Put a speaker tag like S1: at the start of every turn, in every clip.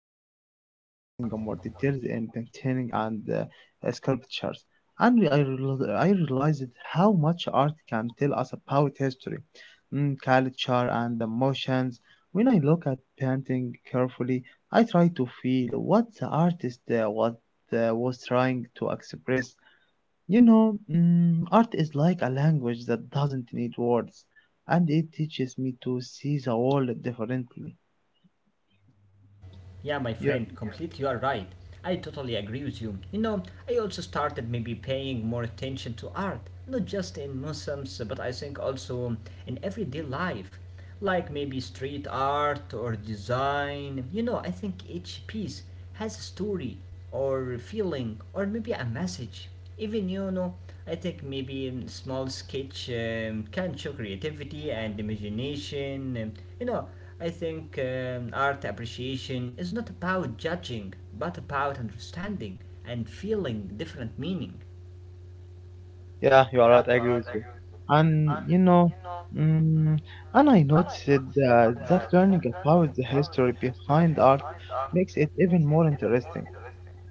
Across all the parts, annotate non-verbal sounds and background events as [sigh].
S1: recently started noticing more details in painting and sculptures, and I realized how much art can tell us about history, culture, and emotions. When I look at painting carefully, I try to feel what the artist was trying to express. You know, art is like a language that doesn't need words, and it teaches me to see the world differently.
S2: Yeah, my
S1: Yeah,
S2: friend, completely you are right. I totally agree with you. You know, I also started maybe paying more attention to art, not just in museums, but I think also in everyday life, like maybe street art or design. You know, I think each piece has a story or feeling or maybe a message. Even you know, I think maybe a small sketch can show creativity and imagination. You know, I think art appreciation is not about judging, but about understanding and feeling different meaning.
S1: yeah, you are right. I agree with you. And you know, mm, and I noticed that learning about the history behind art makes it even more interesting.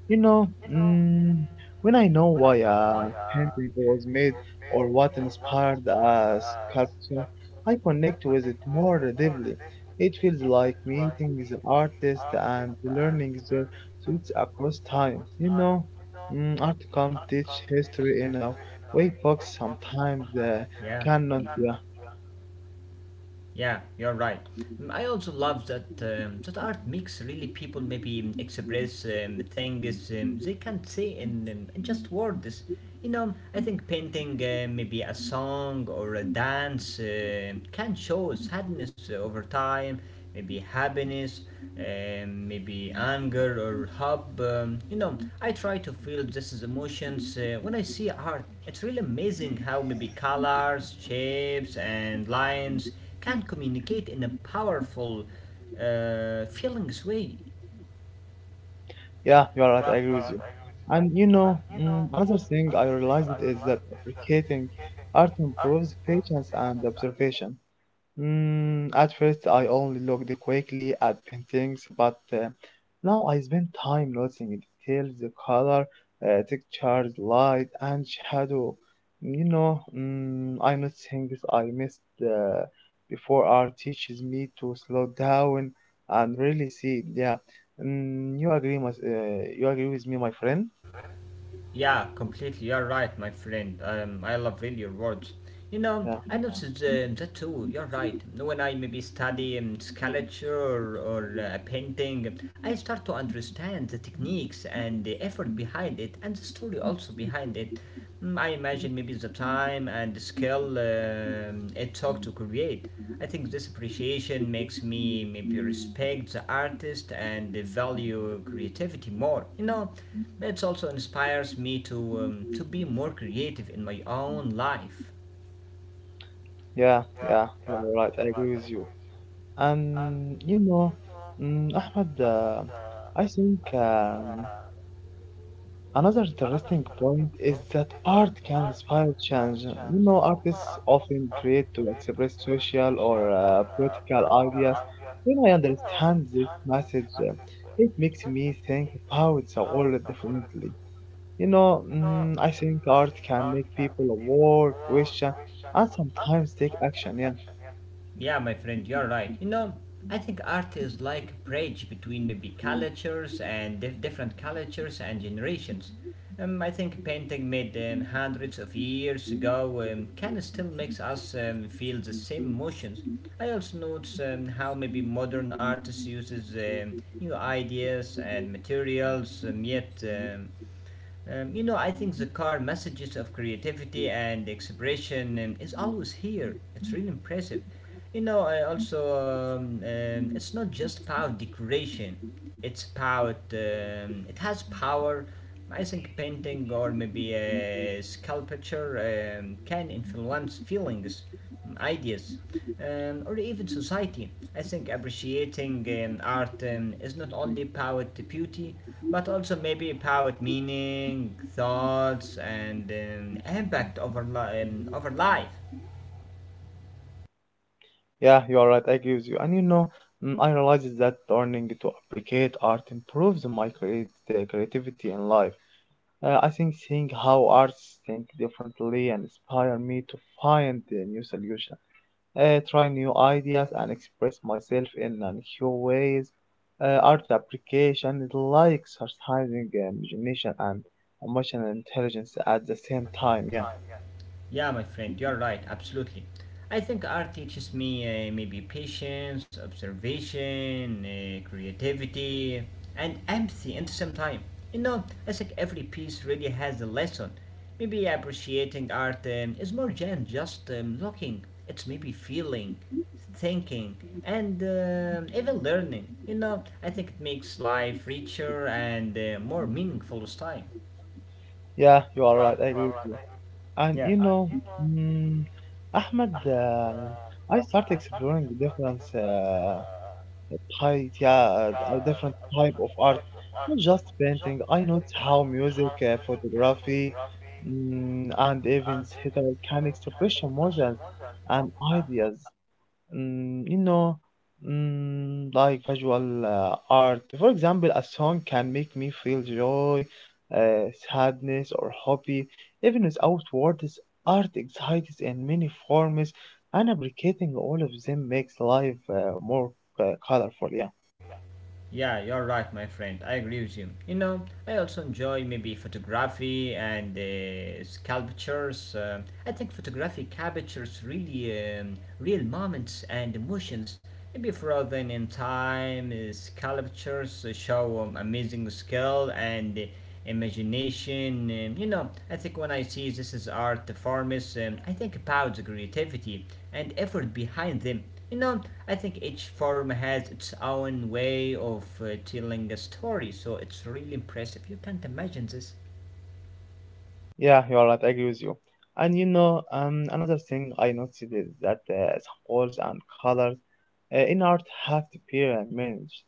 S1: You know, when I know why a painting was made or what inspired a sculpture, I connect with it more deeply. It feels like meeting the artist and learning their truths across time. You know, art can teach history in a way books sometimes
S2: Yeah.
S1: cannot. Yeah.
S2: Yeah, you're right. Mm, I also love that that art makes really people maybe express things they can't say in just words. You know, I think painting maybe a song or a dance can show sadness over time, maybe happiness maybe anger or hope. You know, I try to feel just as emotions when I see art. It's really amazing how maybe colors, shapes, and lines can communicate in a powerful, feelings way.
S1: Yeah, you are right. I agree with you. And you know, another thing I realized is that appreciating art improves patience and observation. At first, I only looked quickly at paintings, but now I spend time noticing details, the color, textures, light, and shadow. You know, I notice things I missed before. Art teaches me to slow down and really see. Yeah, you you agree with me, my friend?
S2: Yeah, completely. You're right, my friend. I love really your words. You know,
S1: Yeah.
S2: I noticed that too. You're right. When I maybe study sculpture or painting, I start to understand the techniques and the effort behind it and the story also behind it. Mm, I imagine maybe the time and the skill it took to create. I think this appreciation makes me maybe respect the artist and the value creativity more. You know, it also inspires me to be more creative in my own life.
S1: Yeah, you are right. I agree with you. And you know, Ahmed, I think another interesting point is that art can inspire change. You know, artists often create to express social or political ideas. When I understand this message, it makes me think about the world differently. You know, I think art can make people aware, question, and sometimes take action. Yeah.
S2: Yeah, my friend, you're right. You know, I think art is like bridge between maybe cultures and different cultures and generations. I think painting made hundreds of years ago can still makes us feel the same emotions. I also notice how maybe modern artists uses new ideas and materials, yet you know, I think the car messages of creativity and expression is always here. It's really impressive. You know, I also it's not just about decoration. It's about it has power. I think painting or maybe a sculpture can influence feelings, ideas or even society. I think appreciating art is not only about the beauty, but also maybe about meaning, thoughts, and impact over, over life.
S1: Yeah, you are right. I agree with you. And you know, I realized that learning to appreciate art improves my creativity in life. I think seeing how artists think differently and inspire me to find the new solution, try new ideas, and express myself in a new ways. Art application is like exercising imagination and emotional intelligence at the same time. Yeah,
S2: Yeah, my friend, you're right, absolutely. I think art teaches me maybe patience, observation, creativity, and empathy at the same time. You know, I think every piece really has a lesson. Maybe appreciating art is more than just looking, it's maybe feeling, thinking, and even learning. You know, I think it makes life richer and more meaningful with time.
S1: yeah, you are right. I agree with you. And you
S2: Yeah.
S1: know, mm, Ahmed, I started exploring different type, yeah, uh, different type of art, not just painting. I noticed how music, photography, and even theater can express emotions and ideas, you know, like visual art. For example, a song can make me feel joy, sadness, or happy, even without words. Art excites in many forms, and appreciating all of them makes life more colorful. Yeah.
S2: Yeah, you're right, my friend. I agree with you. You know, I also enjoy maybe photography and sculptures. I think photography captures really real moments and emotions. Maybe frozen in time, sculptures show amazing skill and imagination. You know, I think when I see this as art forms, I think about the creativity and effort behind them. You know, I think each form has its own way of telling a story, so it's really impressive. You can't imagine this.
S1: Yeah, you're right. I agree with you. And you know, another thing I noticed is that schools and colors in art have to be managed.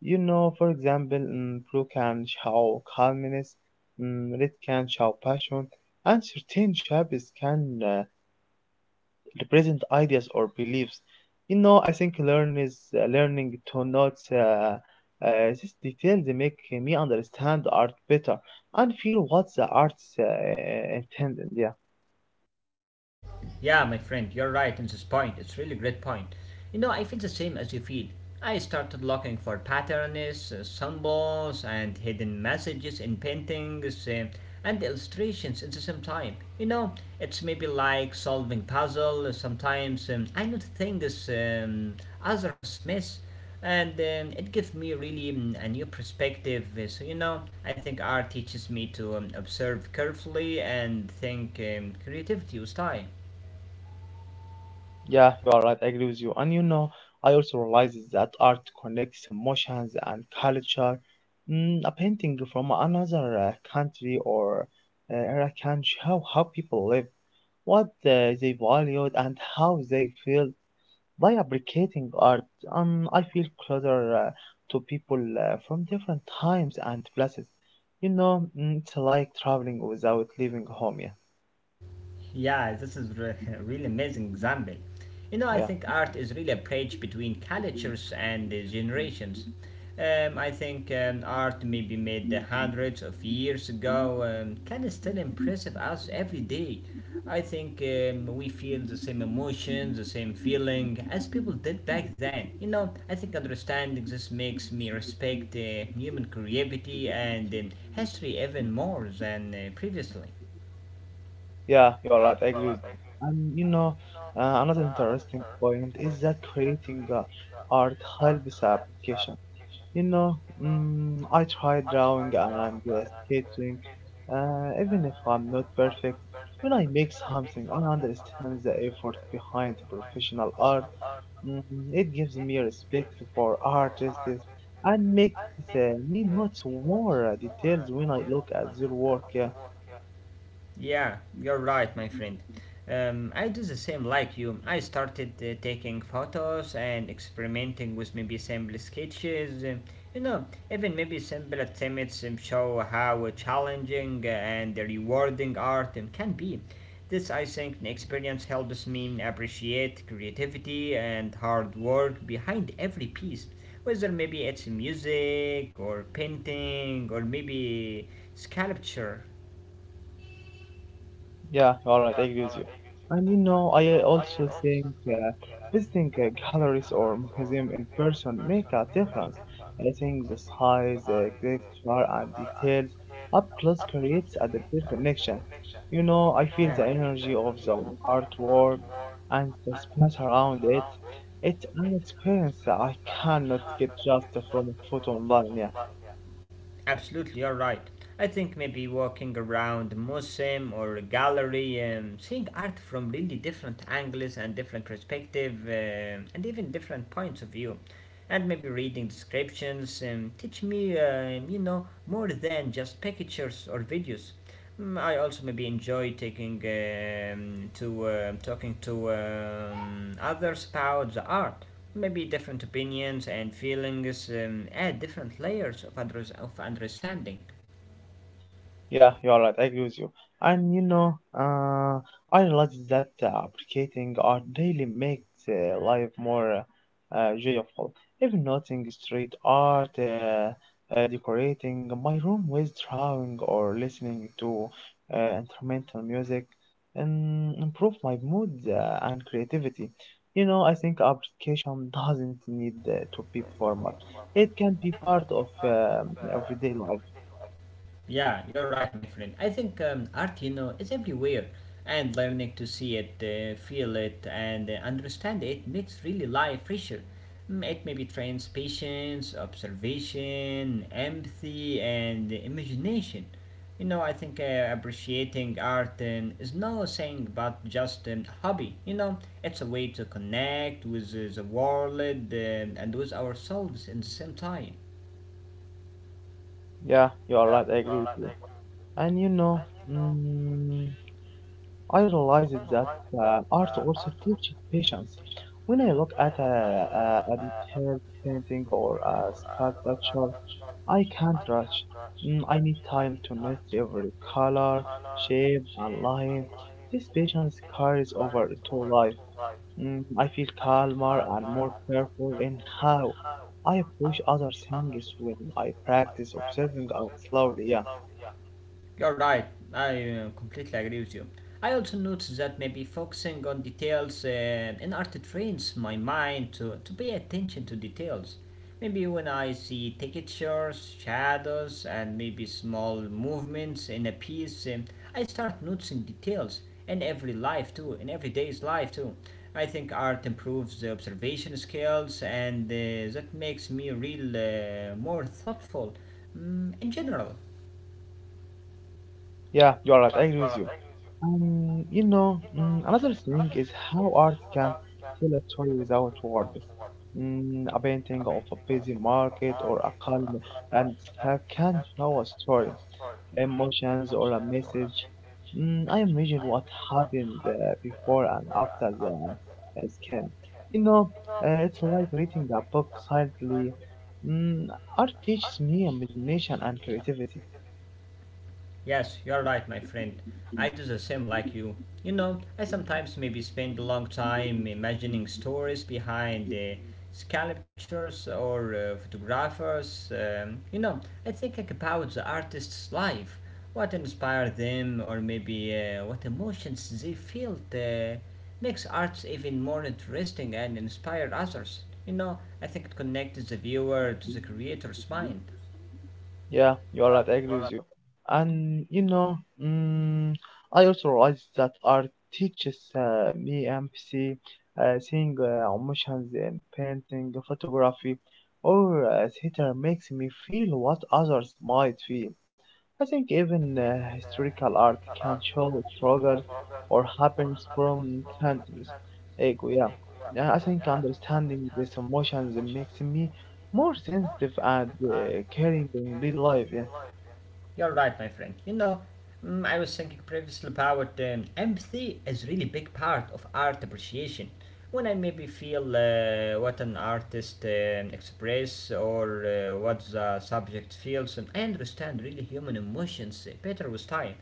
S1: You know, for example, blue can show calmness, red can show passion, and certain shapes can represent ideas or beliefs. You know, I think learning to note these details make me understand art better and feel what the arts intended. Yeah,
S2: Yeah, my friend, you're right in this point. It's really great point. You know, I feel the same as you feel. I started looking for patterns, symbols, and hidden messages in paintings and illustrations at the same time. You know, it's maybe like solving puzzle. Sometimes I note things others miss, and it gives me really a new perspective. So you know, I think art teaches me to observe carefully and think creativity with time.
S1: yeah, you are right. I agree with you. And you know, I also realize that art connects emotions and culture. A painting from another country or era can show how people live, what they valued and how they feel. By appreciating art, I feel closer to people from different times and places. You know, it's like traveling without leaving home. Yeah,
S2: Yeah, [laughs] really amazing example. You know, I
S1: yeah,
S2: think art is really a bridge between cultures and generations. I think art maybe made hundreds of years ago can still impress us every day. I think we feel the same emotions, the same feeling as people did back then. You know, I think understanding this makes me respect human creativity and history even more than previously.
S1: yeah. You're right. I agree with you. And you know, another interesting point is that creating art helps application. You know, I try drawing and sketching, even if I'm not perfect. When I make something, I understand the effort behind professional art. It gives me respect for artists and makes me note more details when I look at their work. Yeah.
S2: Yeah, you're right, my friend. I do the same like you. I started taking photos and experimenting with maybe simple sketches. You know, even maybe simple attempts show how challenging and rewarding art can be. This, I think, experience helps me appreciate creativity and hard work behind every piece, whether maybe it's music or painting or maybe sculpture.
S1: Yeah, all right, I agree with you. And you know, I also think visiting galleries or museum in person make a difference. I think the size, the texture, and details up close creates a deeper connection. You know, I feel the energy of the artwork and the space around it. It's an experience that I cannot get just from a photo online. Yeah.
S2: Absolutely, you're right. I think maybe walking around a museum or a gallery, seeing art from really different angles and different perspective, and even different points of view and maybe reading descriptions teach me, you know, more than just pictures or videos. Mm, I also maybe enjoy taking to talking to others about the art. Maybe different opinions and feelings add different layers of understanding.
S1: Yeah, you're right. I agree with you. And you know, I realized that appreciating art really makes life more joyful. Even noting street art, decorating my room with drawing or listening to instrumental music, improve my mood and creativity. You know, I think appreciation doesn't need to be formal. It can be part of everyday life.
S2: Yeah, you're right, my friend. I think art, you know, is everywhere, and learning to see it, feel it, and understand it makes really life richer. Mm, it maybe trains patience, observation, empathy, and imagination. You know, I think appreciating art is no saying but just a hobby. You know, it's a way to connect with the world and with ourselves in the same time.
S1: Yeah, you're right. I agree with you. And you know, mm, I realized that art also teaches patience. When I look at a detailed painting or a sculpture, I can't rush. I need time to notice every color, shape, and line. This patience carries over into life. I feel calmer and more careful in how I approach other things when I practice observing and slowly. Yeah,
S2: You're right, I completely agree with you. I also noticed that maybe focusing on details in art trains my mind to pay attention to details. Maybe when I see textures, shadows, and maybe small movements in a piece, I start noticing details in every life too, in every day's life too. I think art improves the observation skills, and that makes me real more thoughtful in general.
S1: yeah, you are right. I agree with you. You know, another thing is how art can tell a story without words. A painting of a busy market or a calm landscape can show a story, emotions, or a message. I imagine what happened before and after the scan. You know, it's like reading a book silently. Mm, Art teaches me imagination and creativity.
S2: Yes, you're right, my friend. I do the same like you. You know, I sometimes maybe spend a long time imagining stories behind the sculptures or photographers. You know, I think about the artist's life, what inspired them, or maybe what emotions they felt. Makes arts even more interesting and inspire others. You know, I think it connects the viewer to the creator's mind.
S1: Yeah, you're right. I agree with you. And you know, I also realized that art teaches me empathy, seeing emotions in painting, photography, or theater makes me feel what others might feel. I think even historical art can show struggles or happens from countries. Like, yeah. Yeah, I think understanding these emotions makes me more sensitive and caring in real life. Yeah,
S2: You're right, my friend. You know, mm, I was thinking previously about empathy is really big part of art appreciation. When I maybe feel what an artist express or what the subject feels, and I understand really human emotions better with time.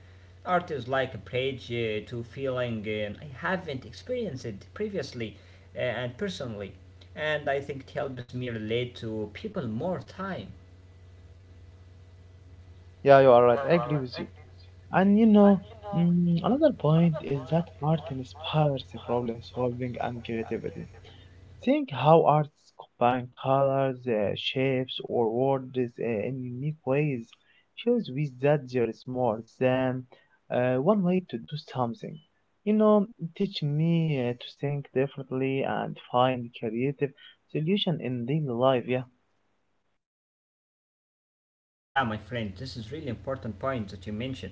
S2: Art is like a bridge to feeling I haven't experienced it previously and personally, and I think it helps me relate to people more time.
S1: yeah, you are right. I agree with you. And you know, another point is that art inspires the problem solving and creativity. Think how arts combine colors, shapes, or words in unique ways shows with that there is more than one way to do something. You know, teach me to think differently and find creative solution in real life. Yeah.
S2: Yeah, my friend, this is really important point that you mentioned.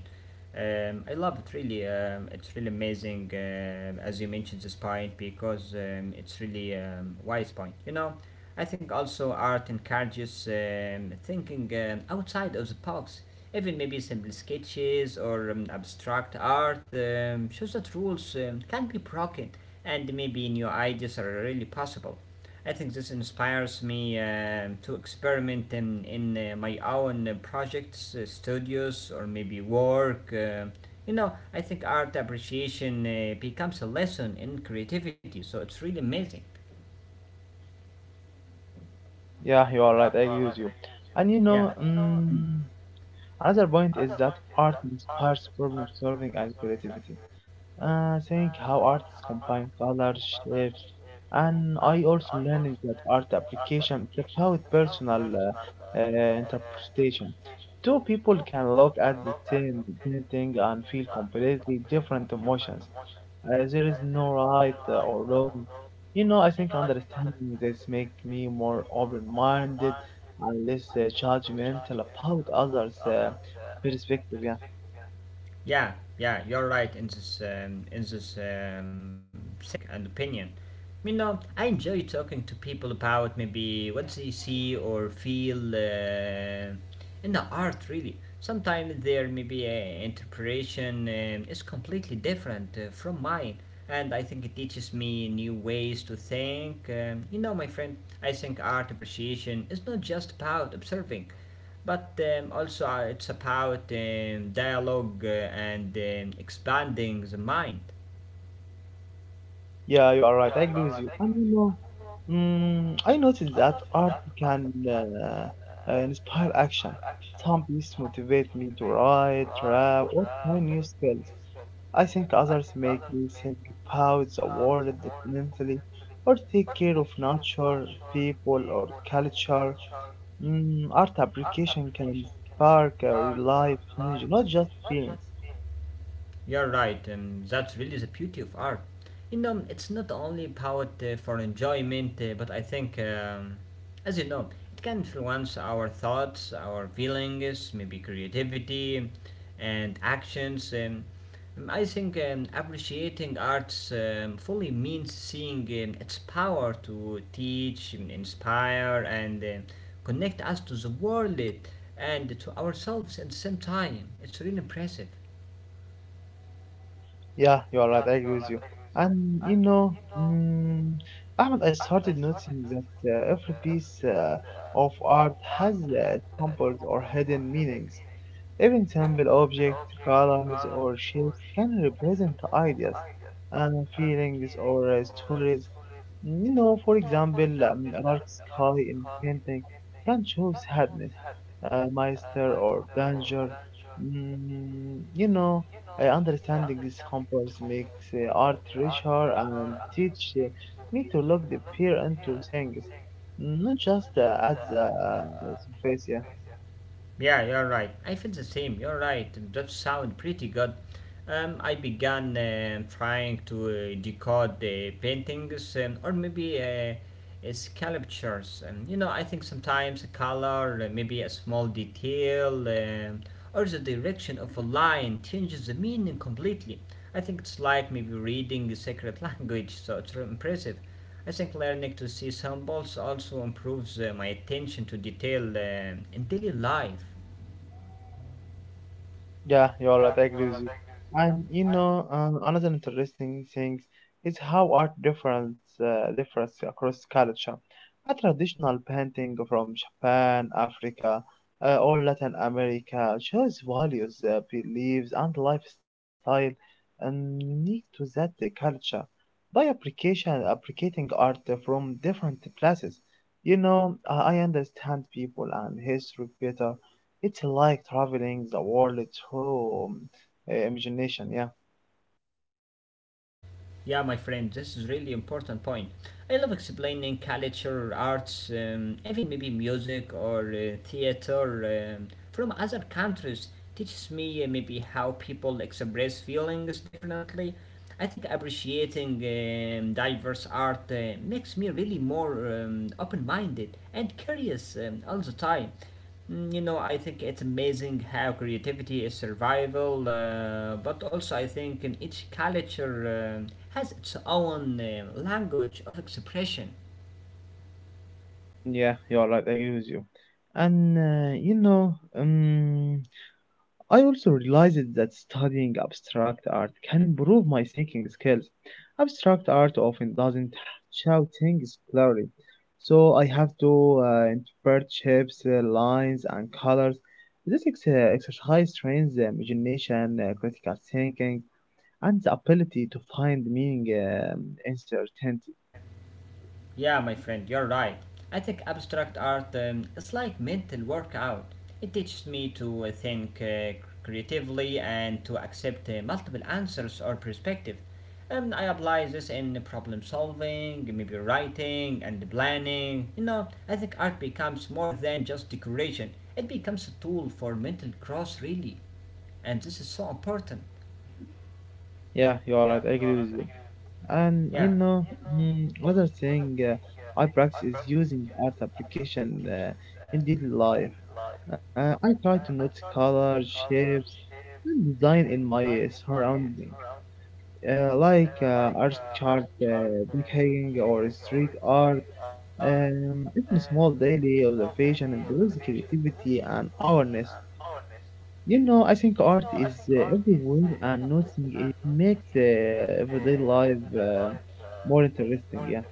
S2: I love it really. It's really amazing, as you mentioned this point because it's really wise point. You know, I think also art encourages thinking outside of the box. Even maybe simple sketches or abstract art shows that rules can be broken, and maybe new ideas are really possible. I think this inspires me to experiment in my own projects, studios, or maybe work. You know, I think art appreciation becomes a lesson in creativity, so it's really amazing.
S1: Yeah, you are right. I agree with you. And you
S2: Yeah.
S1: know, another point is that art inspires problem solving and creativity. Think how artists combine colors, shapes, and I also learned that art application is about personal interpretation. Two people can look at the same painting and feel completely different emotions. There is no right or wrong. You know, I think understanding this make me more open-minded and less judgmental about others' perspective. Yeah,
S2: Yeah, yeah, you're right in this um, thing and opinion. You know, I enjoy talking to people about maybe what they see or feel in the art. Really, sometimes their maybe interpretation is completely different from mine, and I think it teaches me new ways to think. You know, my friend, I think art appreciation is not just about observing but also it's about dialogue and expanding the mind.
S1: yeah, you are right. I agree with you. And you know, I noticed that art can inspire action. Some pieces motivate me to write, rap, or try new skills. I think others make me think about the world differently or take care of nature, people, or culture. Art application can spark a real life change, not just feelings.
S2: You're right, that's really the beauty of art. You know, it's not only about for enjoyment, but I think, as you know, it can influence our thoughts, our feelings, maybe creativity and actions. I think appreciating arts fully means seeing its power to teach, inspire, and connect us to the world and to ourselves at the same time. It's really impressive.
S1: Yeah, you are right, I agree with you. And you know, Ahmed, I started noticing that every piece of art has symbols or hidden meanings. Even simple objects, colors, or shapes can represent ideas, uh, feelings, or stories. You know, for example, a dark sky in painting can show sadness, meister, or danger. You know, understanding these samples makes art richer and teach me to look deeper into things, not just at the surface. Yeah.
S2: Yeah, you're right. I feel the same. You're right. That sound pretty good. I began trying to decode the paintings or maybe sculptures. You know, I think sometimes a color, maybe a small detail, or the direction of a line changes the meaning completely. I think it's like maybe reading a secret [laughs] language, so it's really impressive. I think learning to see symbols also improves my attention to detail in daily life.
S1: Yeah, you're right. I agree with you. And you know, another interesting thing is how art difference differs across culture. A traditional painting from Japan, Africa, or Latin America shows values, beliefs, and lifestyle unique to that culture. Applicating art from different places, you know, I understand people and history better. It's like traveling the world through imagination. Yeah,
S2: Yeah, my friend, this is really important point. I love explaining culture, arts, even maybe music or theater from other countries. Teaches me maybe how people express feelings differently. I think appreciating diverse art makes me really more open-minded and curious all the time. You know, I think it's amazing how creativity is survival, but also I think in each culture um has its own language of expression.
S1: yeah, you are right. I agree with you. And you know, I also realized that studying abstract art can improve my thinking skills. Abstract art often doesn't show things clearly, so I have to interpret shapes, lines, and colors. This exercise trains the imagination, critical thinking, and the ability to find meaning in certainty.
S2: Yeah, my friend, you're right. I think abstract art is like mental workout. It teaches me to think creatively and to accept multiple answers or perspective. I apply this in problem solving, maybe writing and planning. You know, I think art becomes more than just decoration. It becomes a tool for mental growth, really, and this is so important.
S1: Yeah, you are right. I agree with you. And you
S2: Yeah.
S1: know, other thing I practice is using art application in daily life. I try to notice colors, shapes, and design in my surrounding, like art chart, brick hanging, or street art. It's a small daily observation and builds creativity and awareness. You know, I think art is everywhere, and noticing it makes everyday life more interesting. Yeah,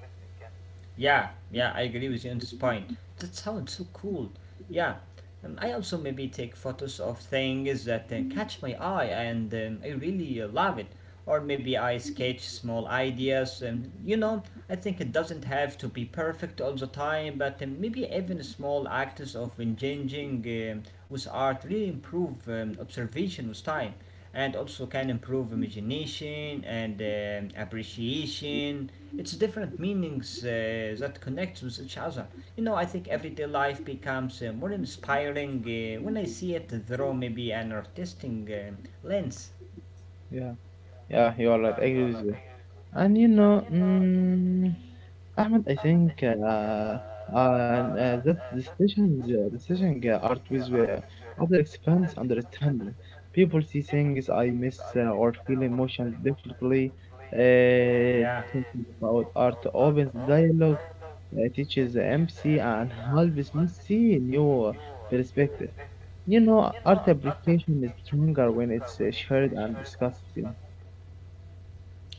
S2: Yeah, yeah, I agree with you on this point. That sounds so cool. Yeah, I also maybe take photos of things that catch my eye and I really love it. Or maybe I sketch small ideas. And you know, I think it doesn't have to be perfect all the time, but maybe even small acts of engaging um, with art really improve observation with time and also can improve imagination and appreciation. It's different meanings that connect with each other. You know, I think everyday life becomes more inspiring when I see it through maybe an artistic lens.
S1: yeah, yeah. You are right. I agree with you. And you know, mm, Ahmed, I think uh, that decision art with other expands understanding. People see things I miss or feel emotions differently. Thinking about art opens dialogue, teaches empathy, and helps me see new perspective. You know, art application is stronger when it's shared and discussed. Yeah,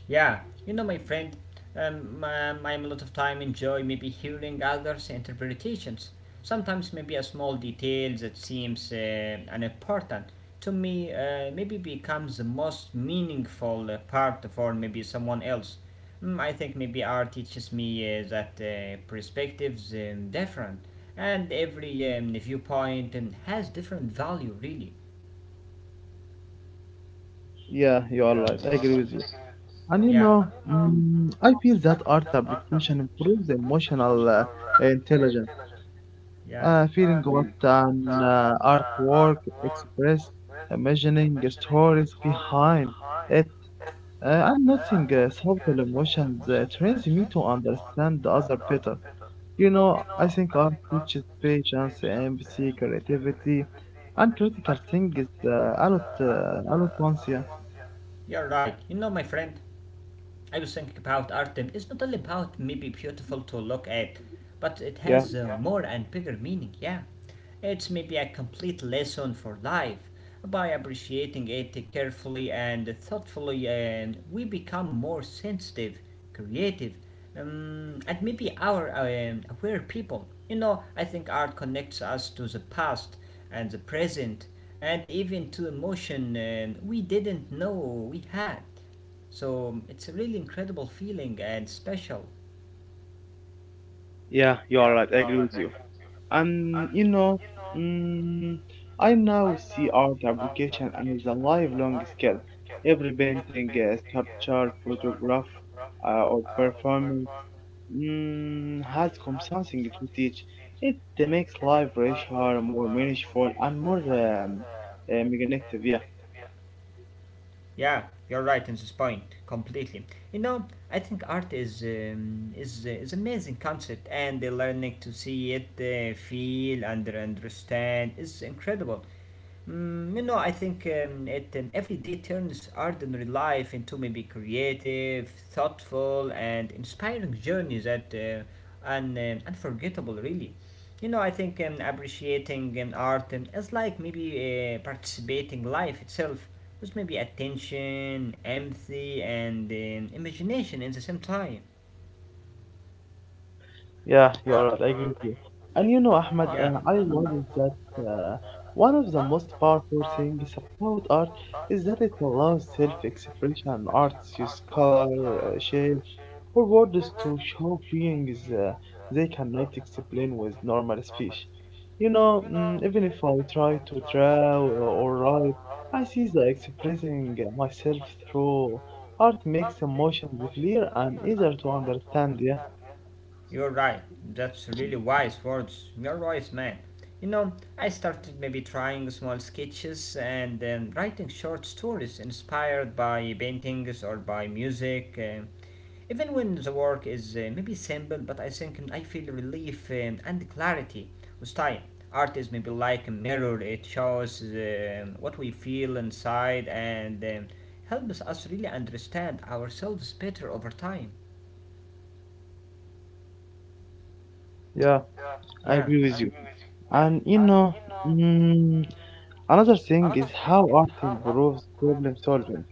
S2: Yeah, you know, my friend, I am a lot of time enjoy maybe hearing others' interpretations. Sometimes maybe a small detail that seems unimportant to me maybe becomes the most meaningful part for maybe someone else. I think maybe art teaches me that perspectives different, and every viewpoint has different value. Really,
S1: yeah, you are right. I agree with you. And you
S2: yeah,
S1: know, mm, I feel that art application improves emotional intelligence,
S2: yeah,
S1: feeling what an artwork express, imagining the stories behind it, and noticing subtle emotions trains me to understand the other better. You know, I think art teaches patience, empathy, creativity, and critical thinking is a lot once, yeah.
S2: you're right. You know, my friend, I was thinking about art. It's not only about maybe beautiful to look at, but it
S1: Yeah,
S2: has more and bigger meaning. Yeah, it's maybe a complete lesson for life. By appreciating it carefully and thoughtfully, and we become more sensitive, creative, and maybe our aware people. You know, I think art connects us to the past and the present, and even to emotion we didn't know we had. So it's a really incredible feeling and special.
S1: yeah, you are right. I agree with you. And you know, mm, I now see art application as a lifelong skill. Every painting, sculpture, photograph, or performance mm, has come something to teach. It makes life richer, more meaningful, and more magnetic. Yeah,
S2: Yeah, you're right in this point completely. You know, I think art is amazing concept, and the learning to see it, feel, and understand is incredible. You know, I think it every day turns ordinary life into maybe creative, thoughtful, and inspiring journeys that unforgettable, really. You know, I think appreciating art is like maybe participating life itself with maybe attention, empathy, and imagination in the same time.
S1: yeah, you are right. I agree with you. And you know, Ahmed, I realized that uh, one of the most powerful things about art is that it allows self-expression. Artists use color, shapes, or words to show feelings they cannot explain with normal speech. You know, mm, even if I try to draw or write, I see the expressing myself through art makes emotions clear and easier to understand. Yeah.
S2: You're right, that's really wise words. You're wise man. You know, I started maybe trying small sketches and then writing short stories inspired by paintings or by music. Even when the work is maybe simple, but I think I feel relief and clarity with time. Art is maybe like a mirror, it shows what we feel inside and helps us really understand ourselves better over time.
S1: Yeah. I
S2: Yeah.
S1: agree with you. And you know, mm, another thing is how art improves problem solving.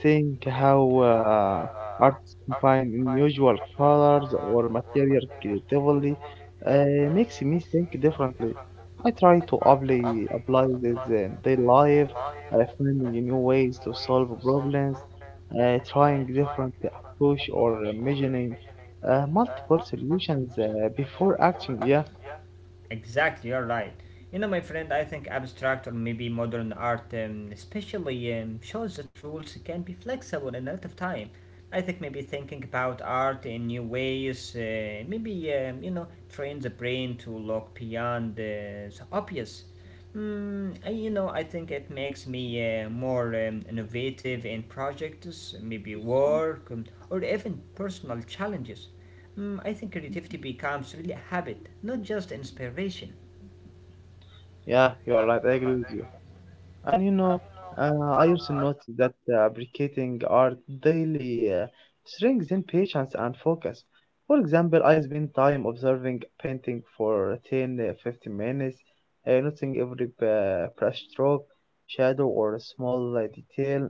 S1: Seeing how arts combine unusual colors or material creatively makes me think differently. I try to apply, apply this in daily life, finding new ways to solve problems, trying different approach or imagining multiple solutions before acting. Yeah.
S2: Exactly, you're right. You know, my friend, I think abstract or maybe modern art, especially, shows that rules can be flexible in a lot of time. I think maybe thinking about art in new ways, maybe, you know, train the brain to look beyond the obvious. You know, I think it makes me more innovative in projects, maybe work, or even personal challenges. Hmm, I think creativity becomes really a habit, not just inspiration.
S1: Yeah, you are right. I agree with you. And you know, I [laughs] also noticed that appreciating art daily strengthens patience and focus. For example, I spend time observing painting for 10 uh, 15 minutes, noticing every brush stroke, shadow, or small detail.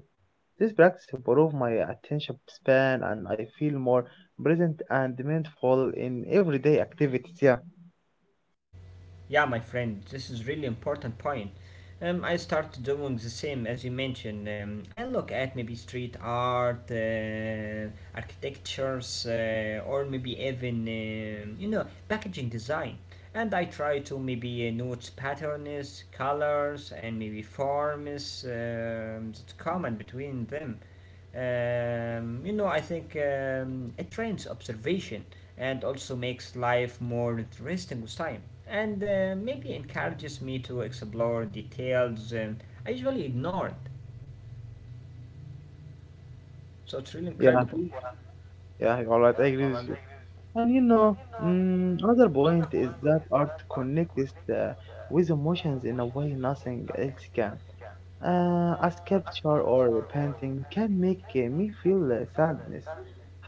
S1: This practice improves my attention span and I feel more present and mindful in everyday activities. Yeah,
S2: Yeah, my friend, this is really important point. I start doing the same as you mentioned. I look at maybe street art, architectures, or maybe even you know packaging design, and I try to maybe note patterns, colors, and maybe forms that common between them. You know, I think it trains observation and also makes life more interesting with time. And maybe encourages me to explore details and I usually ignore it. So it's really
S1: yeah,
S2: incredible.
S1: yeah, you are right. I agree with you. And you know, mm, another point is that art connects with emotions in a way nothing else can. A sculpture or a painting can make me feel sadness,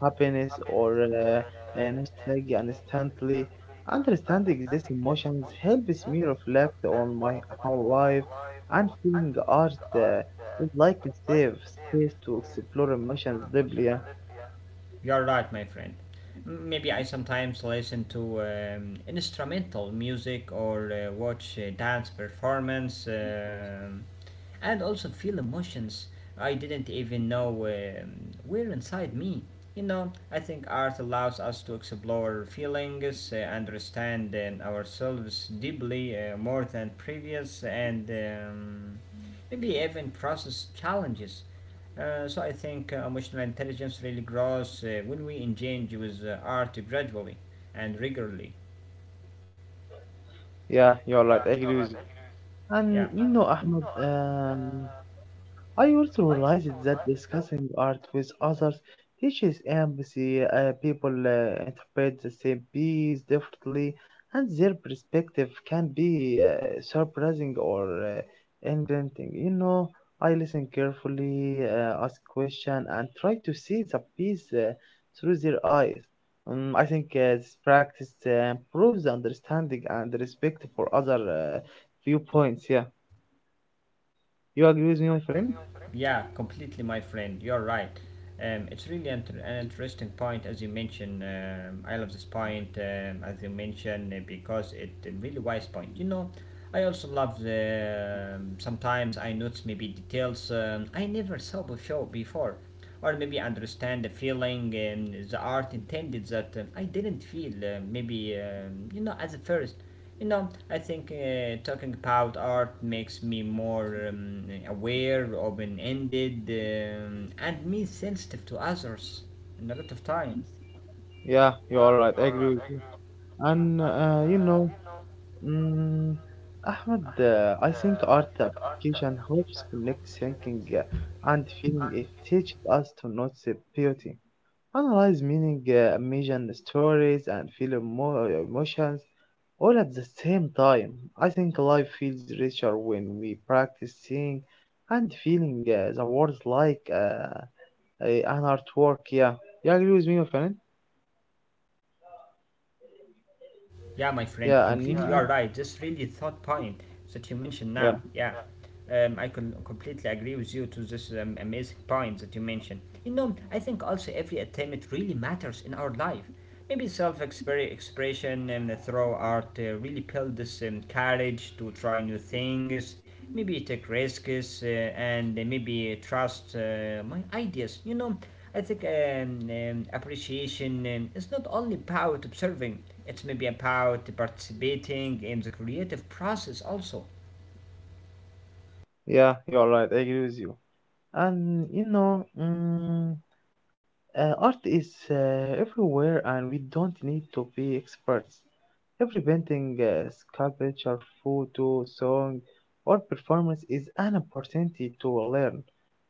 S1: happiness, or nostalgia instantly. Understanding these emotions helps me reflect on my whole life, and feeling art is like a safe space to explore emotions deeply. Yeah,
S2: You're right, my friend. Maybe I sometimes listen to instrumental music or watch dance performance. And also feel emotions I didn't even know were inside me. You know, I think art allows us to explore feelings, understand ourselves deeply more than previous, and maybe even process challenges. So I think emotional intelligence really grows when we engage with art gradually and regularly.
S1: yeah, you're right. I agree with you. And
S2: Yeah.
S1: you know, Ahmed, I also realized that discussing art with others teaches empathy. People interpret the same piece differently, and their perspective can be surprising or engaging. You know, I listen carefully, ask questions, and try to see the piece through their eyes. I think this practice improves understanding and respect for other viewpoints. Yeah. You agree with me, my friend?
S2: Yeah, completely, my friend. You're right. It's really an interesting point, as you mentioned. I love this point, as you mentioned, because it a really wise point. You know, I also love the. Sometimes I notice maybe details I never saw before. Before or maybe understand the feeling the art intended that I didn't feel maybe you know at the first you know I think talking about art makes me more aware open-ended and me sensitive to others in a lot of times.
S1: Yeah, you are right. I agree with you. And you know, mm, Ahmed, I think art application helps connect thinking and feeling. It teaches us to notice the beauty, analyze meaning, imagine stories, and feel emotions all at the same time. I think life feels richer when we practice seeing and feeling the words like an artwork. Yeah, you agree with me, my friend?
S2: Yeah, my friend,
S1: Yeah, and you
S2: completely you
S1: know,
S2: are right. It's really a thought point that you mentioned
S1: yeah,
S2: now. Yeah, I can completely agree with you to this amazing point that you mentioned. You know, I think also every attempt really matters in our life. Maybe self-expression and through art really build this courage to try new things maybe take risks and maybe trust my ideas. You know, I think appreciation is not only about observing, it's maybe about participating in the creative process also.
S1: yeah, you're right. I agree with you. And you know, mm, art is everywhere, and we don't need to be experts. Every painting, sculpture, photo, song, or performance is an opportunity to learn,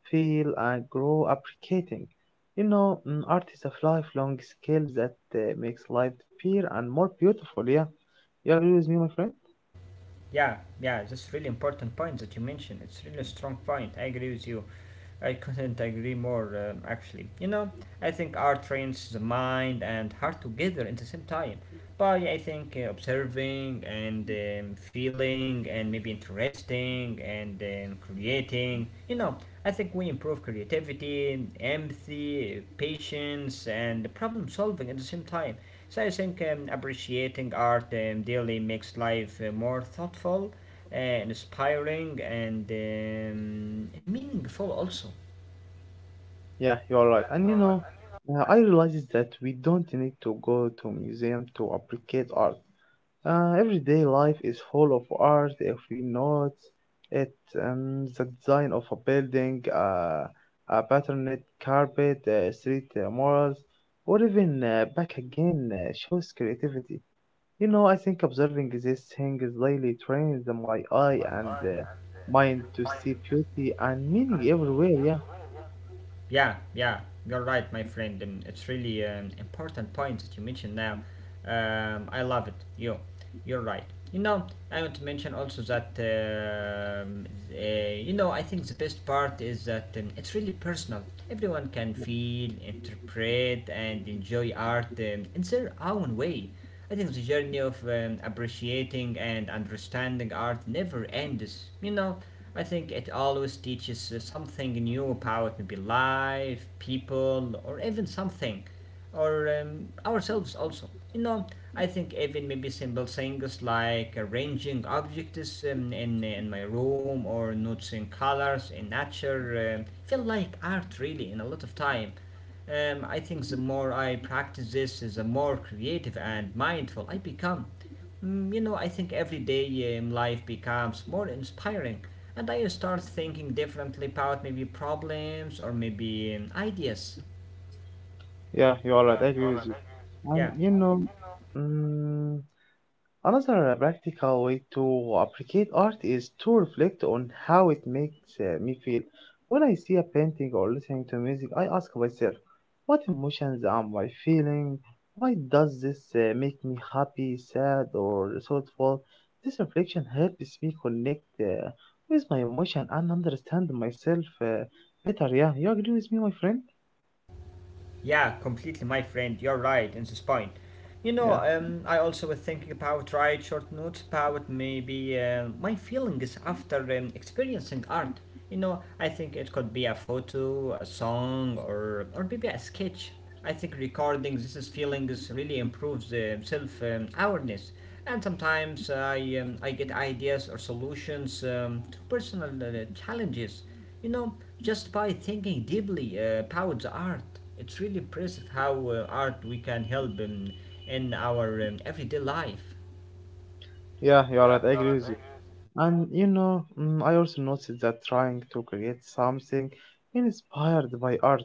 S1: feel, and grow appreciating. You know, mm, art is a lifelong skill that makes life appear and more beautiful. Yeah, you agree with me, my friend?
S2: Yeah, yeah, that's really important point that you mentioned. It's really a strong point. I agree with you. I couldn't agree more, actually. You know, I think art trains the mind and heart together at the same time. By, I think, observing and feeling and maybe interesting and creating. You know, I think we improve creativity, empathy, patience, and problem solving at the same time. So I think appreciating art daily makes life more thoughtful, inspiring, and meaningful also.
S1: Yeah, you're right. And you know, I realized that we don't need to go to museum to appreciate art. Everyday life is full of art if we note it. The design of a building, a patterned carpet, street murals, or even back again shows creativity. You know, I think observing these things daily trains my eye and mind to see beauty and meaning everywhere. Yeah.
S2: Yeah, yeah, you're right, my friend. It's really an important point that you mentioned now. I love it. You, you're right. You know, I want to mention also that uh, you know I think the best part is that it's really personal. Everyone can feel, interpret, and enjoy art in their own way. I think the journey of appreciating and understanding art never ends. You know, I think it always teaches something new about maybe life, people, or even something, or ourselves also. You know, I think even maybe simple things like arranging objects in my room or noticing colors in nature feel like art really in a lot of time. I think the more I practice this, the more creative and mindful I become. You know, I think every day life becomes more inspiring, and I start thinking differently about maybe problems or maybe ideas.
S1: Yeah, you are right. I agree with you. And
S2: Yeah.
S1: you know, mm, another practical way to appreciate art is to reflect on how it makes me feel. When I see a painting or listening to music, I ask myself, what emotions am I feeling? Why does this make me happy, sad, or thoughtful? This reflection helps me connect with my emotion and understand myself better. Yeah, you agree with me, my friend?
S2: Yeah, completely, my friend. You're right in this point. You know,
S1: Yeah,
S2: I also was thinking about write short notes about maybe my feelings after experiencing art. You know, I think it could be a photo, a song, or maybe a sketch. I think recording this is feelings really improves self awareness. And sometimes I get ideas or solutions to personal challenges. You know, just by thinking deeply about the art, it's really impressive how art we can help in our everyday life.
S1: yeah, you are right. I agree with you. And you know, mm, I also noticed that trying to create something inspired by art.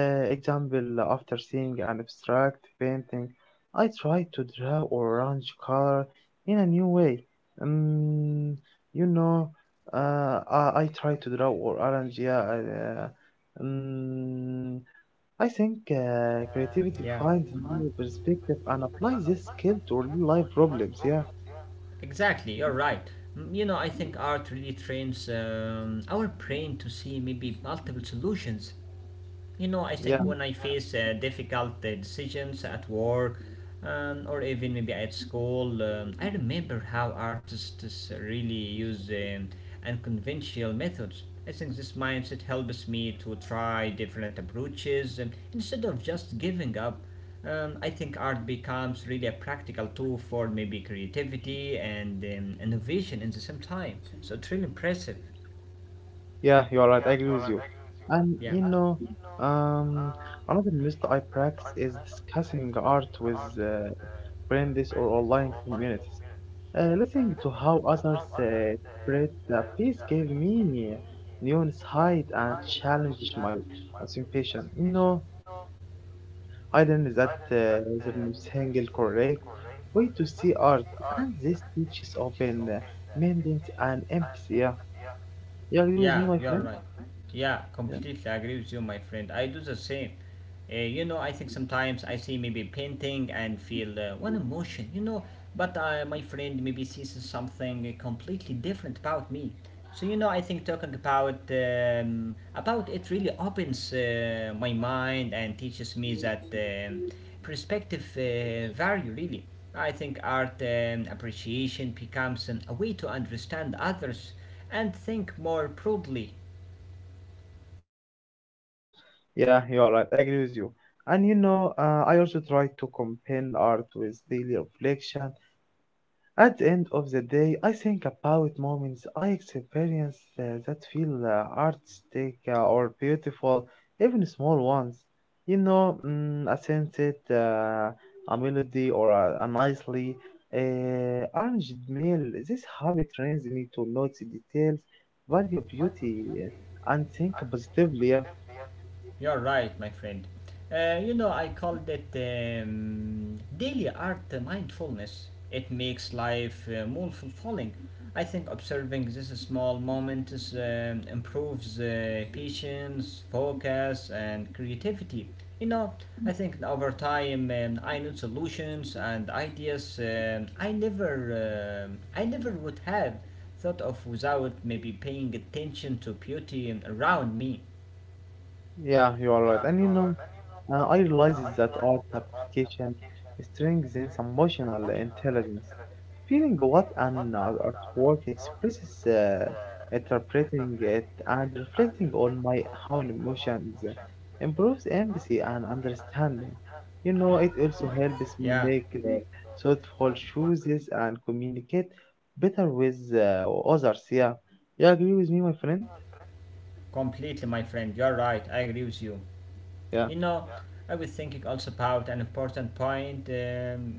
S1: Example, after seeing an abstract painting, I tried to draw orange color in a new way. Um, you know, I tried to draw orange, yeah. Mm, I think creativity
S2: Yeah,
S1: finds new perspective and applies this skill to real life problems, yeah.
S2: exactly. You're right. You know, I think art really trains our brain to see maybe multiple solutions. You know, I
S1: Yeah.
S2: think when I face difficult decisions at work or even maybe at school, I remember how artists really use unconventional methods. I think this mindset helps me to try different approaches instead of just giving up. I think art becomes really a practical tool for maybe creativity and innovation in the same time. So it's really impressive.
S1: Yeah, you're right. I agree with you. And
S2: Yeah,
S1: you know, um, another mistake I practice is discussing art with friends or online communities. Listening to how others spread the piece gave me new insight and challenged my assumption. You know, I learned that there's no single correct way to see art, and this teaches open mindedness and empathy. Yeah, you agree with me,
S2: yeah,
S1: my
S2: you're
S1: friend?
S2: right. Yeah,
S1: Yeah.
S2: completely agree with you, my friend. I do the same. You know, I think sometimes I see maybe painting and feel one emotion, you know, but my friend maybe sees something completely different about me. So you know, I think talking about it really opens my mind and teaches me that perspective vary really. I think art appreciation becomes a way to understand others and think more broadly.
S1: Yeah, you are right. I agree with you. And you know, I also try to combine art with daily reflection. At the end of the day, I think about moments I experience that feel artistic or beautiful, even small ones. You know, mm, a sunset, a melody, or a nicely uh, arranged meal. This habit trains me to notice details, value beauty, and think positively.
S2: You're right, my friend. You know, I called it daily art mindfulness. It makes life more fulfilling. I think observing these small moments improves patience, focus, and creativity. You know, I think over time I know solutions and ideas I never would have thought of without maybe paying attention to beauty around me.
S1: Yeah, you are right. And you know, I realized that art application strengthens emotional intelligence. Feeling what an artwork expresses, interpreting it, and reflecting on my own emotions improves empathy and understanding. You know, it also helps me
S2: Yeah.
S1: make thoughtful choices and communicate better with others. Yeah, you agree with me, my friend?
S2: Completely, my friend, you're right, I agree with you. You
S1: Yeah.
S2: know, I was thinking also about an important point.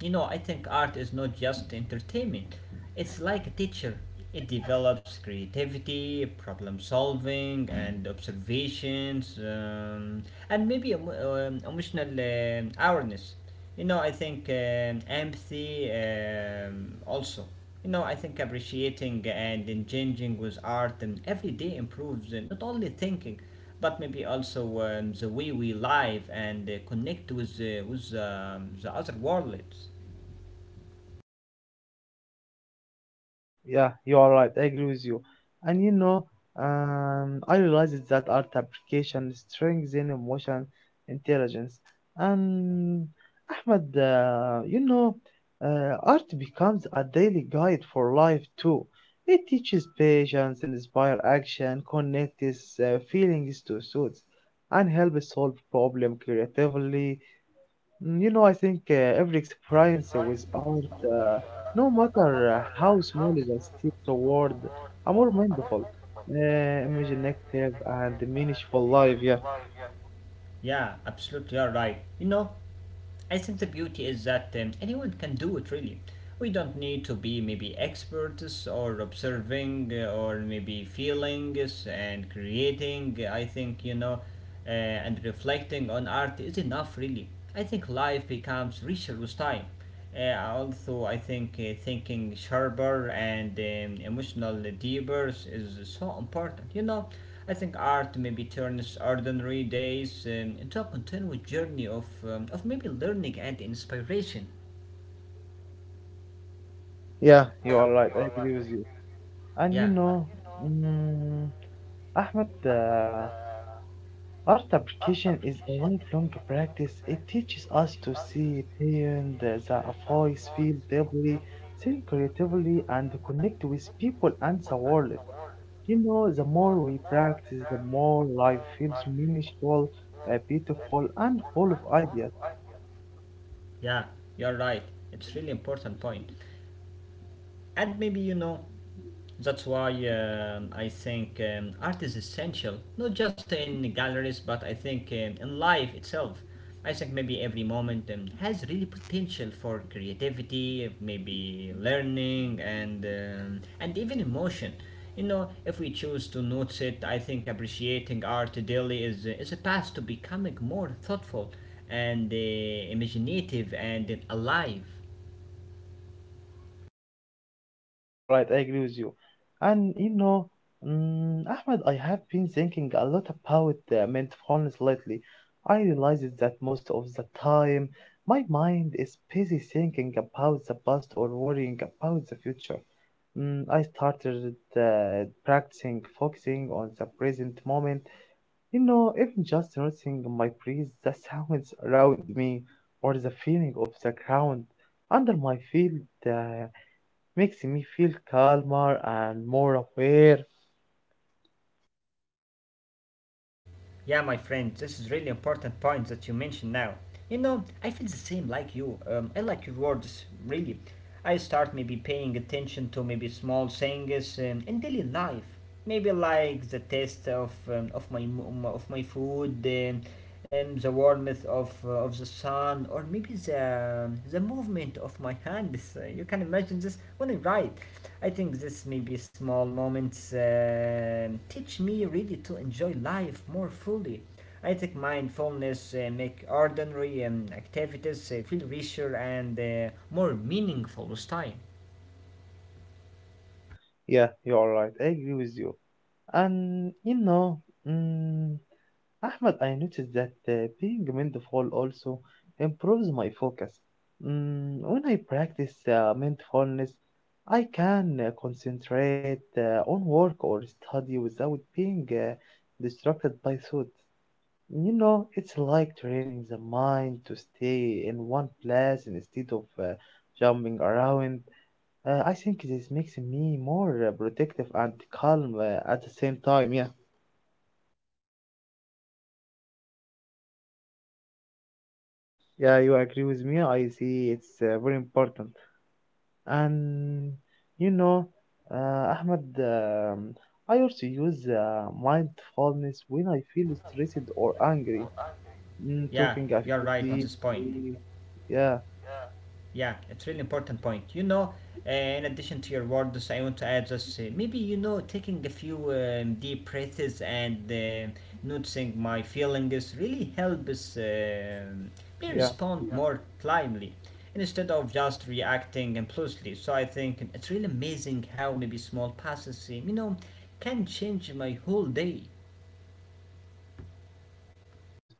S2: You know, I think art is not just entertainment, it's like a teacher. It develops creativity, problem solving, and observations, and maybe emotional awareness. You know, I think empathy also. You know, I think appreciating and engaging with art and every day improves not only thinking but maybe also the way we live and connect with the other worlds.
S1: Yeah, you are right. I agree with you. And you know, I realized that art application strengthens emotion intelligence. And Ahmed, you know, art becomes a daily guide for life too. It teaches patience, inspires action, connects feelings to thoughts, and helps solve problem creatively. Mm, you know, I think every experience with art, uh, no matter how small it is, still toward a more mindful, imaginative, and meaningful life. Yeah,
S2: Yeah, absolutely, you're right. You know, I think the beauty is that anyone can do it really. We don't need to be maybe experts or observing or maybe feelings and creating. I think, you know, and reflecting on art is enough really. I think life becomes richer with time. Also, I think thinking sharper and emotional deeper is so important. You know, I think art maybe turns ordinary days into a continuous journey of maybe learning and inspiration.
S1: yeah, you are right. I agree with you. And
S2: Yeah,
S1: you know, mm, Ahmed, art application is a lifelong practice. It teaches us to see beyond the voice, feel deeply, think creatively, and connect with people and the world. You know, the more we practice, the more life feels meaningful, beautiful, and full of ideas.
S2: yeah, you're right. It's really important point. And maybe you know that's why I think art is essential, not just in galleries, but I think in life itself. I think maybe every moment has really potential for creativity, maybe learning, and even emotion. You know, if we choose to notice it, I think appreciating art daily is a path to becoming more thoughtful and imaginative and alive.
S1: Yeah, you are right. I agree with you. And you know, Ahmed, I have been thinking a lot about mindfulness lately. I realized that most of the time, my mind is busy thinking about the past or worrying about the future. Mm, I started practicing focusing on the present moment. You know, even just noticing my breeze, the sounds around me, or the feeling of the ground under my feet uh, makes me feel calmer and more aware.
S2: Yeah, my friend, this is really important point that you mentioned now. You know, I feel the same like you. I like your words, really. I start maybe paying attention to maybe small things in daily life. Maybe like the taste of my food, the warmth of the sun, or maybe the movement of my hands. You can imagine this when I write. I think this maybe small moments teach me really to enjoy life more fully. I think mindfulness make ordinary activities feel richer and more meaningful with time.
S1: Yeah, you're right. I agree with you. And you know, mm, Ahmed, I noticed that being mindful also improves my focus. Mm, when I practice mindfulness, I can concentrate on work or study without being distracted by thoughts. You know, it's like training the mind to stay in one place instead of jumping around. I think this makes me more protective and calm at the same time. Yeah. Yeah, you agree with me. I see it's very important. And you know, Ahmed, I also use mindfulness when I feel stressed or angry. Mm,
S2: Yeah,
S1: talking, I
S2: you're
S1: feel
S2: right at this
S1: deep,
S2: point.
S1: breathe. Yeah,
S2: Yeah, it's really important point. You know, in addition to your words, I want to add this. Maybe you know, taking a few deep breaths and noticing my feelings really helps me
S1: yeah,
S2: respond more calmly instead of just reacting impulsively. So I think it's really amazing how maybe small passes, you know, can change my whole day.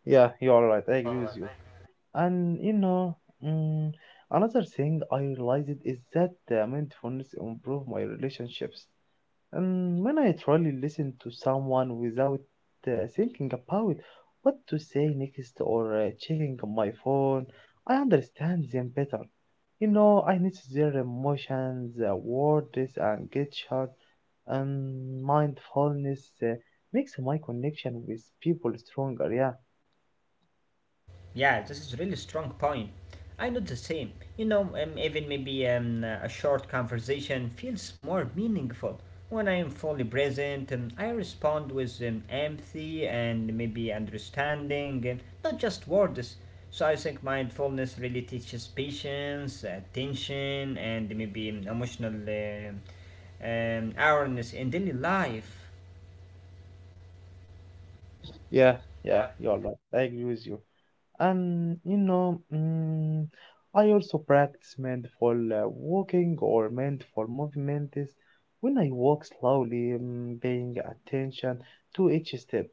S1: yeah, you are right. I agree with you. And you know, mm, another thing I realized is that mindfulness improve my relationships. When I truly listen to someone without thinking about what to say next or checking my phone, I understand them better. You know, I notice their emotions, words, and gesture, and mindfulness makes my connection with people stronger. Yeah,
S2: Yeah, this is really strong point. I know the same. You know, even maybe a short conversation feels more meaningful when I am fully present. I respond with empathy and maybe understanding, and not just words. So I think mindfulness really teaches patience, attention, and maybe emotional awareness in daily life.
S1: yeah, yeah, you're right. I agree with you. And you know, I also practice mindful walking or mindful movements. When I walk slowly, paying attention to each step,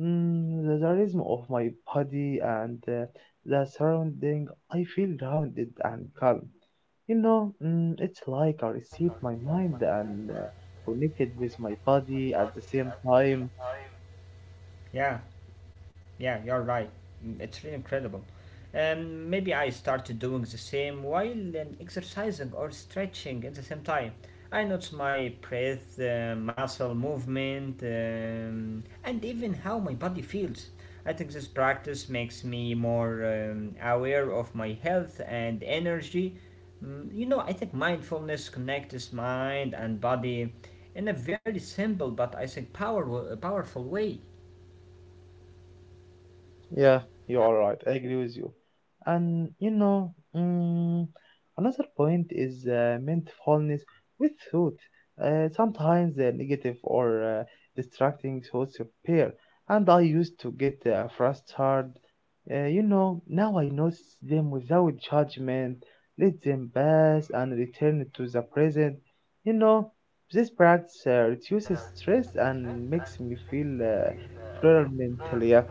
S1: the rhythm of my body and the surrounding, I feel grounded and calm. You know, it's like I reset my mind and connected with my body at the same time.
S2: Yeah. Yeah, you're right. Mm, it's really incredible. Maybe I started doing the same while exercising or stretching at the same time. I notice my breath, muscle movement, and even how my body feels. I think this practice makes me more aware of my health and energy. Mm, you know, I think mindfulness connects mind and body in a very simple but I think powerful way.
S1: Yes. Yeah, you are right. I agree with you. And you know, another point is mindfulness with thought. Sometimes negative or distracting thoughts appear, and I used to get frustrated. You know, now I notice them without judgment, let them pass, and return to the present. You know, this practice reduces stress and makes me feel fuller mentally. Yeah.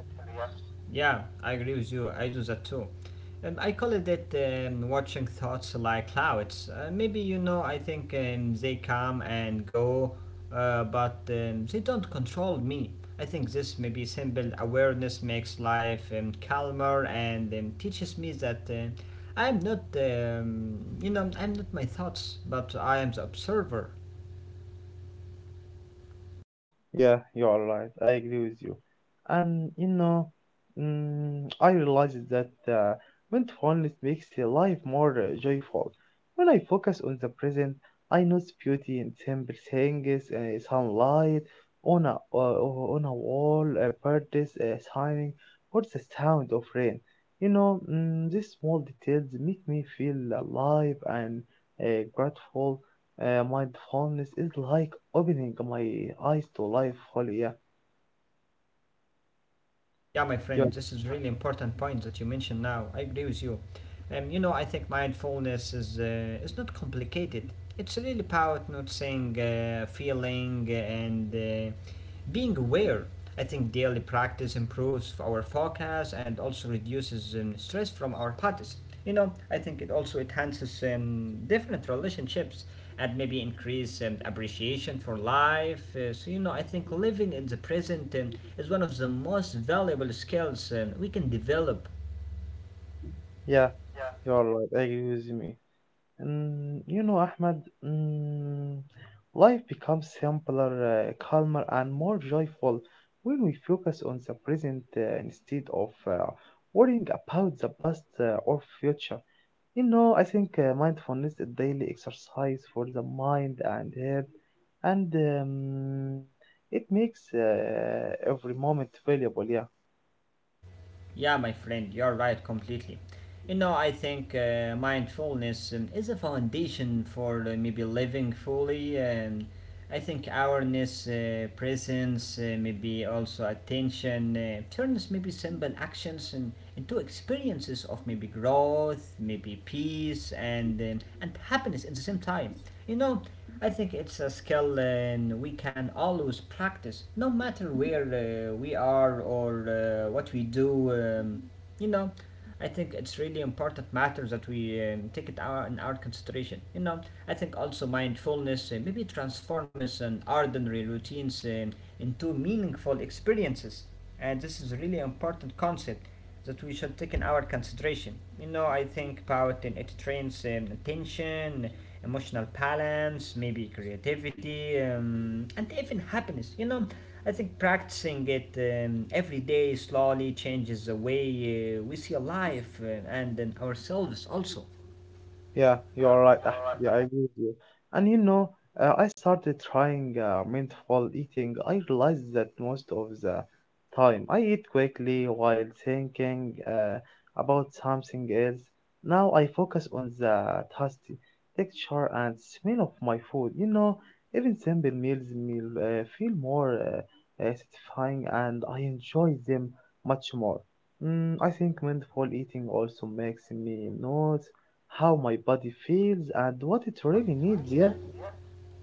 S2: Yeah, I agree with you. I do that too. I call it that watching thoughts like clouds. Maybe you know, I think they come and go, but they don't control me. I think this maybe simple awareness makes life calmer and teaches me that I am not, you know, I am not my thoughts, but I am the observer.
S1: Yeah, you are right. I agree with you. And you know, I realized that mindfulness makes life more joyful. When I focus on the present, I notice beauty in simple things, sunlight on a uh, on a wall, a birds shining, or the sound of rain. You know, these small details make me feel alive and grateful. My fondness is like opening my eyes to life wholly. Yeah,
S2: Yeah, my friend,
S1: you're,
S2: this is really important point that you mentioned now. I agree with you. You know, I think mindfulness is not complicated. It's really about noticing feeling and being aware. I think daily practice improves our focus and also reduces stress from our parties. You know, I think it also enhances different relationships and maybe increase appreciation for life. So, you know, I think living in the present is one of the most valuable skills we can develop.
S1: yeah, you're right. I agree with me. You know, Ahmed, mm, life becomes simpler, calmer, and more joyful when we focus on the present instead of worrying about the past or future. You know, I think mindfulness is daily exercise for the mind and head, and it makes every moment valuable. Yeah.
S2: Yeah, my friend, you're right completely. You know, I think mindfulness is a foundation for maybe living fully. I think awareness, presence, maybe also attention turns maybe simple actions and, into experiences of maybe growth, maybe peace, and happiness at the same time. You know, I think it's a skill and we can always practice, no matter where we are or what we do. You know, I think it's really important matters that we take in our consideration. You know, I think also mindfulness maybe transforms an ordinary routines into meaningful experiences, and this is a really important concept that we should take in our consideration. You know, I think about it trains attention, emotional balance, maybe creativity, and even happiness. You know, I think practicing it every day slowly changes the way we see life and then ourselves also.
S1: Yeah, you are right, Ahmed. Yeah, I agree with you. And you know, I started trying mindful eating. I realized that most of the time I eat quickly while thinking about something else. Now I focus on the taste, texture, and smell of my food. You know, even simple meals meal, feel more satisfying and I enjoy them much more. I think mindful eating also makes me notice how my body feels and what it really needs. Yeah,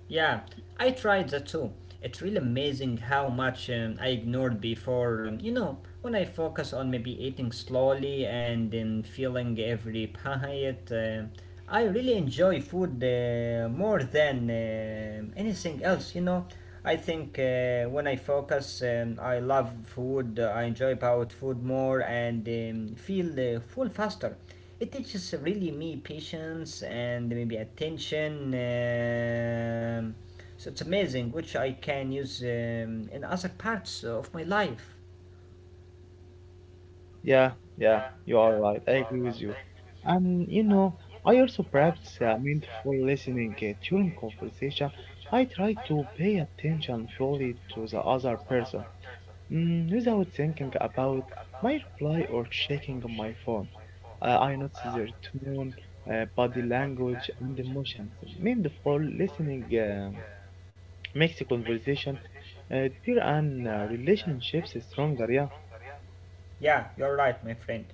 S2: Yeah, I tried that too. It's really amazing how much I ignored before. You know, when I focus on maybe eating slowly and then feeling every bite, I really enjoy food more than anything else. You know, I think when I focus, I love food. I enjoy about food more and feel full faster. It teaches really me patience and maybe attention, so it's amazing which I can use in other parts of my life.
S1: yeah, yeah, you are right. I agree with you. And you know, I also practice mindful listening during conversation. I try to pay attention fully to the other person without thinking about my reply or checking my phone. I notice their tone, body language, and emotions. Mindful listening makes the conversation deeper and relationships stronger. Yeah,
S2: Yeah, you're right, my friend.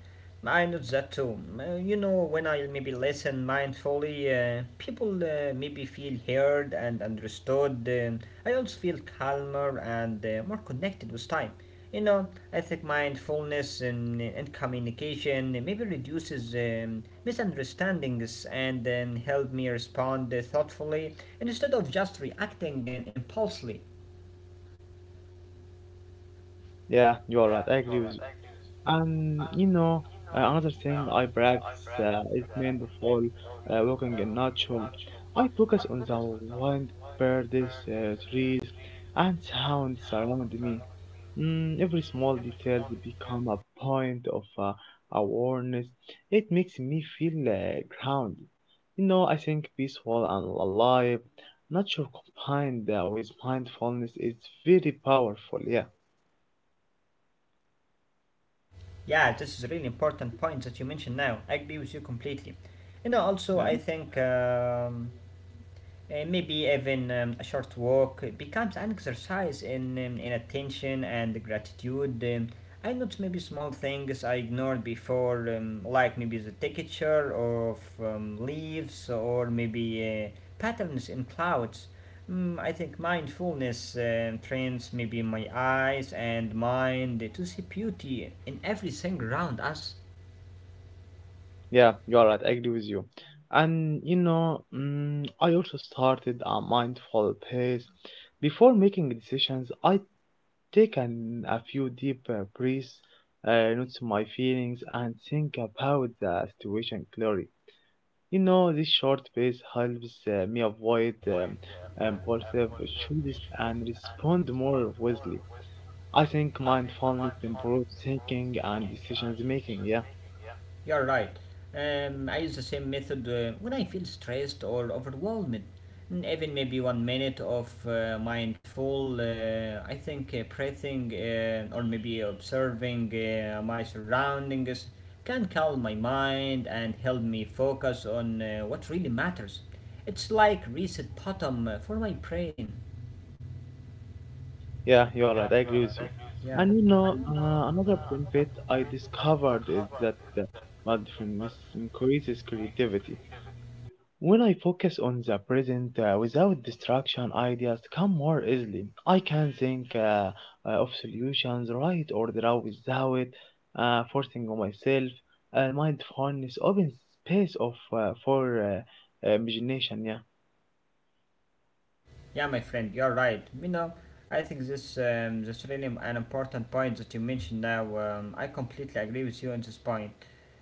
S2: I noticed that too. You know, when I maybe listen mindfully, people maybe feel heard and understood. I also feel calmer and more connected with time. You know, I think mindfulness and communication maybe reduces misunderstandings and help me respond thoughtfully instead of just reacting impulsively.
S1: yeah, you are right. I agree with. And you know, another thing I practice is mindful walking in nature. I focus on the wind, birds, trees, and sounds around me. Every small detail become a point of awareness. It makes me feel grounded. You know, I think peaceful and alive. Nature combined with mindfulness is very powerful. Yeah,
S2: Yeah, this is a really important point that you mentioned now. I agree with you completely. You know, also
S1: yeah.
S2: I think maybe even a short walk becomes an exercise in attention and gratitude. I notice maybe small things I ignored before, like maybe the texture of leaves or maybe patterns in clouds. Mm, I think mindfulness trains maybe my eyes and mind to see beauty in everything around us.
S1: Yeah, you are right. I agree with you. And you know, I also started a mindful pace. Before making decisions, I take an, a few deep breaths, notice my feelings, and think about the situation clearly. You know, this short pace helps me avoid impulsive choices and respond more wisely. I think mindfulness improves thinking and decisions making. Yeah.
S2: You're right. I use the same method when I feel stressed or overwhelmed. Mm, even maybe 1 minute of I think breathing or maybe observing my surroundings can calm my mind and help me focus on what really matters. It's like reset button for my brain.
S1: Yeah, you are right. I agree with you.
S2: Yeah.
S1: And you know, another benefit I discovered is that mindfulness increases creativity. When I focus on the present without distraction, ideas come more easily. I can think of solutions right or draw without forcing on myself. Mindfulness opens space of for imagination. Yeah.
S2: Yeah, my friend, you're right. You know, I think this really an important point that you mentioned now. I completely agree with you on this point.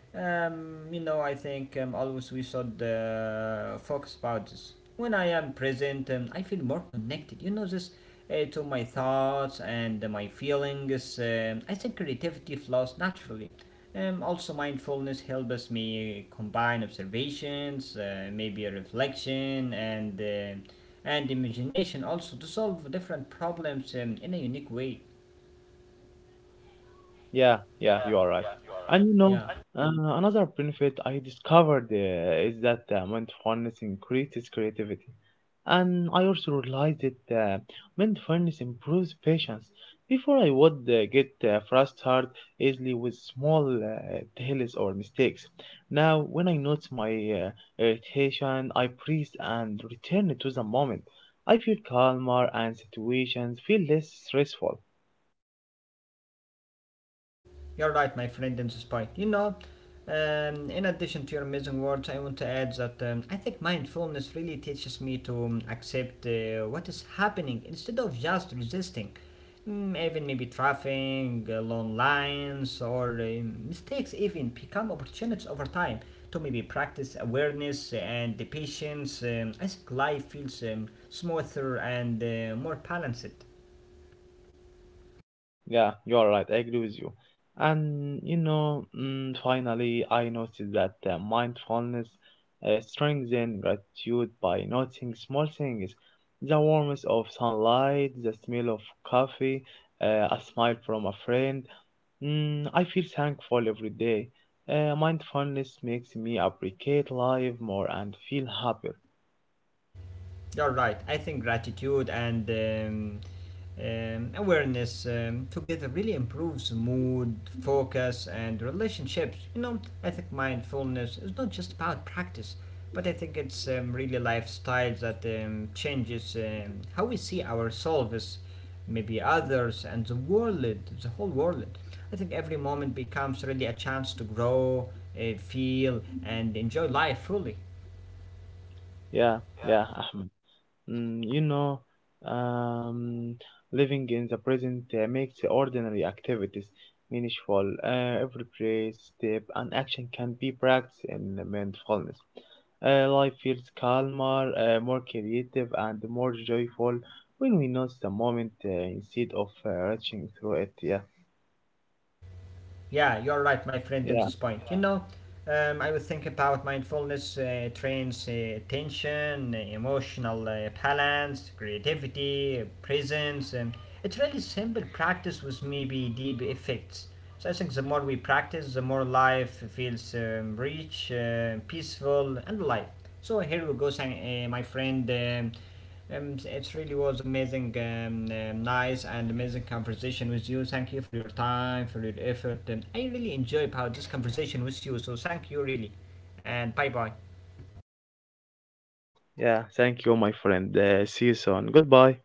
S2: You know, I think always we should focus about this. When I am present, I feel more connected. You know this to my thoughts and my feelings. I think creativity flows naturally. Also, mindfulness helps me combine observations, maybe a reflection, and imagination also to solve different problems in a unique way.
S1: Yeah, yeah, you are right. And you
S2: Yeah.
S1: know, uh, another benefit I discovered is that mindfulness increases creativity. And I also realized that mindfulness improves patience. Before I would get frustrated easily with small delays or mistakes. Now, when I notice my uh, irritation, I breathe and return to the moment. I feel calmer and situations feel less stressful.
S2: You're right, my friend in the spike. You know, in addition to your amazing words, I want to add that I think mindfulness really teaches me to accept what is happening instead of just resisting. Mm, even maybe traffic, long lines, or mistakes even become opportunities over time to maybe practice awareness and the patience. I think life feels smoother and more balanced.
S1: Yeah, you are right. I agree with you. And you know, finally, I noticed that mindfulness strengthens gratitude by noting small things, the warmth of sunlight, the smell of coffee, a smile from a friend. I feel thankful every day. Mindfulness makes me appreciate life more and feel happier.
S2: You're right. I think gratitude and awareness together really improves mood, focus, and relationships. You know, I think mindfulness is not just about practice, but I think it's really lifestyle that changes how we see ourselves, maybe others, and the world, the whole world. I think every moment becomes really a chance to grow, feel, and enjoy life fully.
S1: Yeah, yeah, Ahmed. You know, um, living in the present makes ordinary activities meaningful. Every praise, step, and action can be practiced in mindfulness. Life feels calmer, more creative, and more joyful when we notice the moment instead of rushing through it. Yeah,
S2: Yeah, you're right, my friend, in
S1: yeah,
S2: this point. You know, I would think about mindfulness trains attention, emotional balance, creativity, presence, and it's really simple practice with maybe deep effects. So I think the more we practice, the more life feels rich, peaceful, and alive. So here we go, my friend. It really was amazing, nice and amazing conversation with you. Thank you for your time, for your effort. I really enjoyed how this conversation with you. So thank you really, and bye bye.
S1: yeah. Thank you, my friend. See you soon. Goodbye.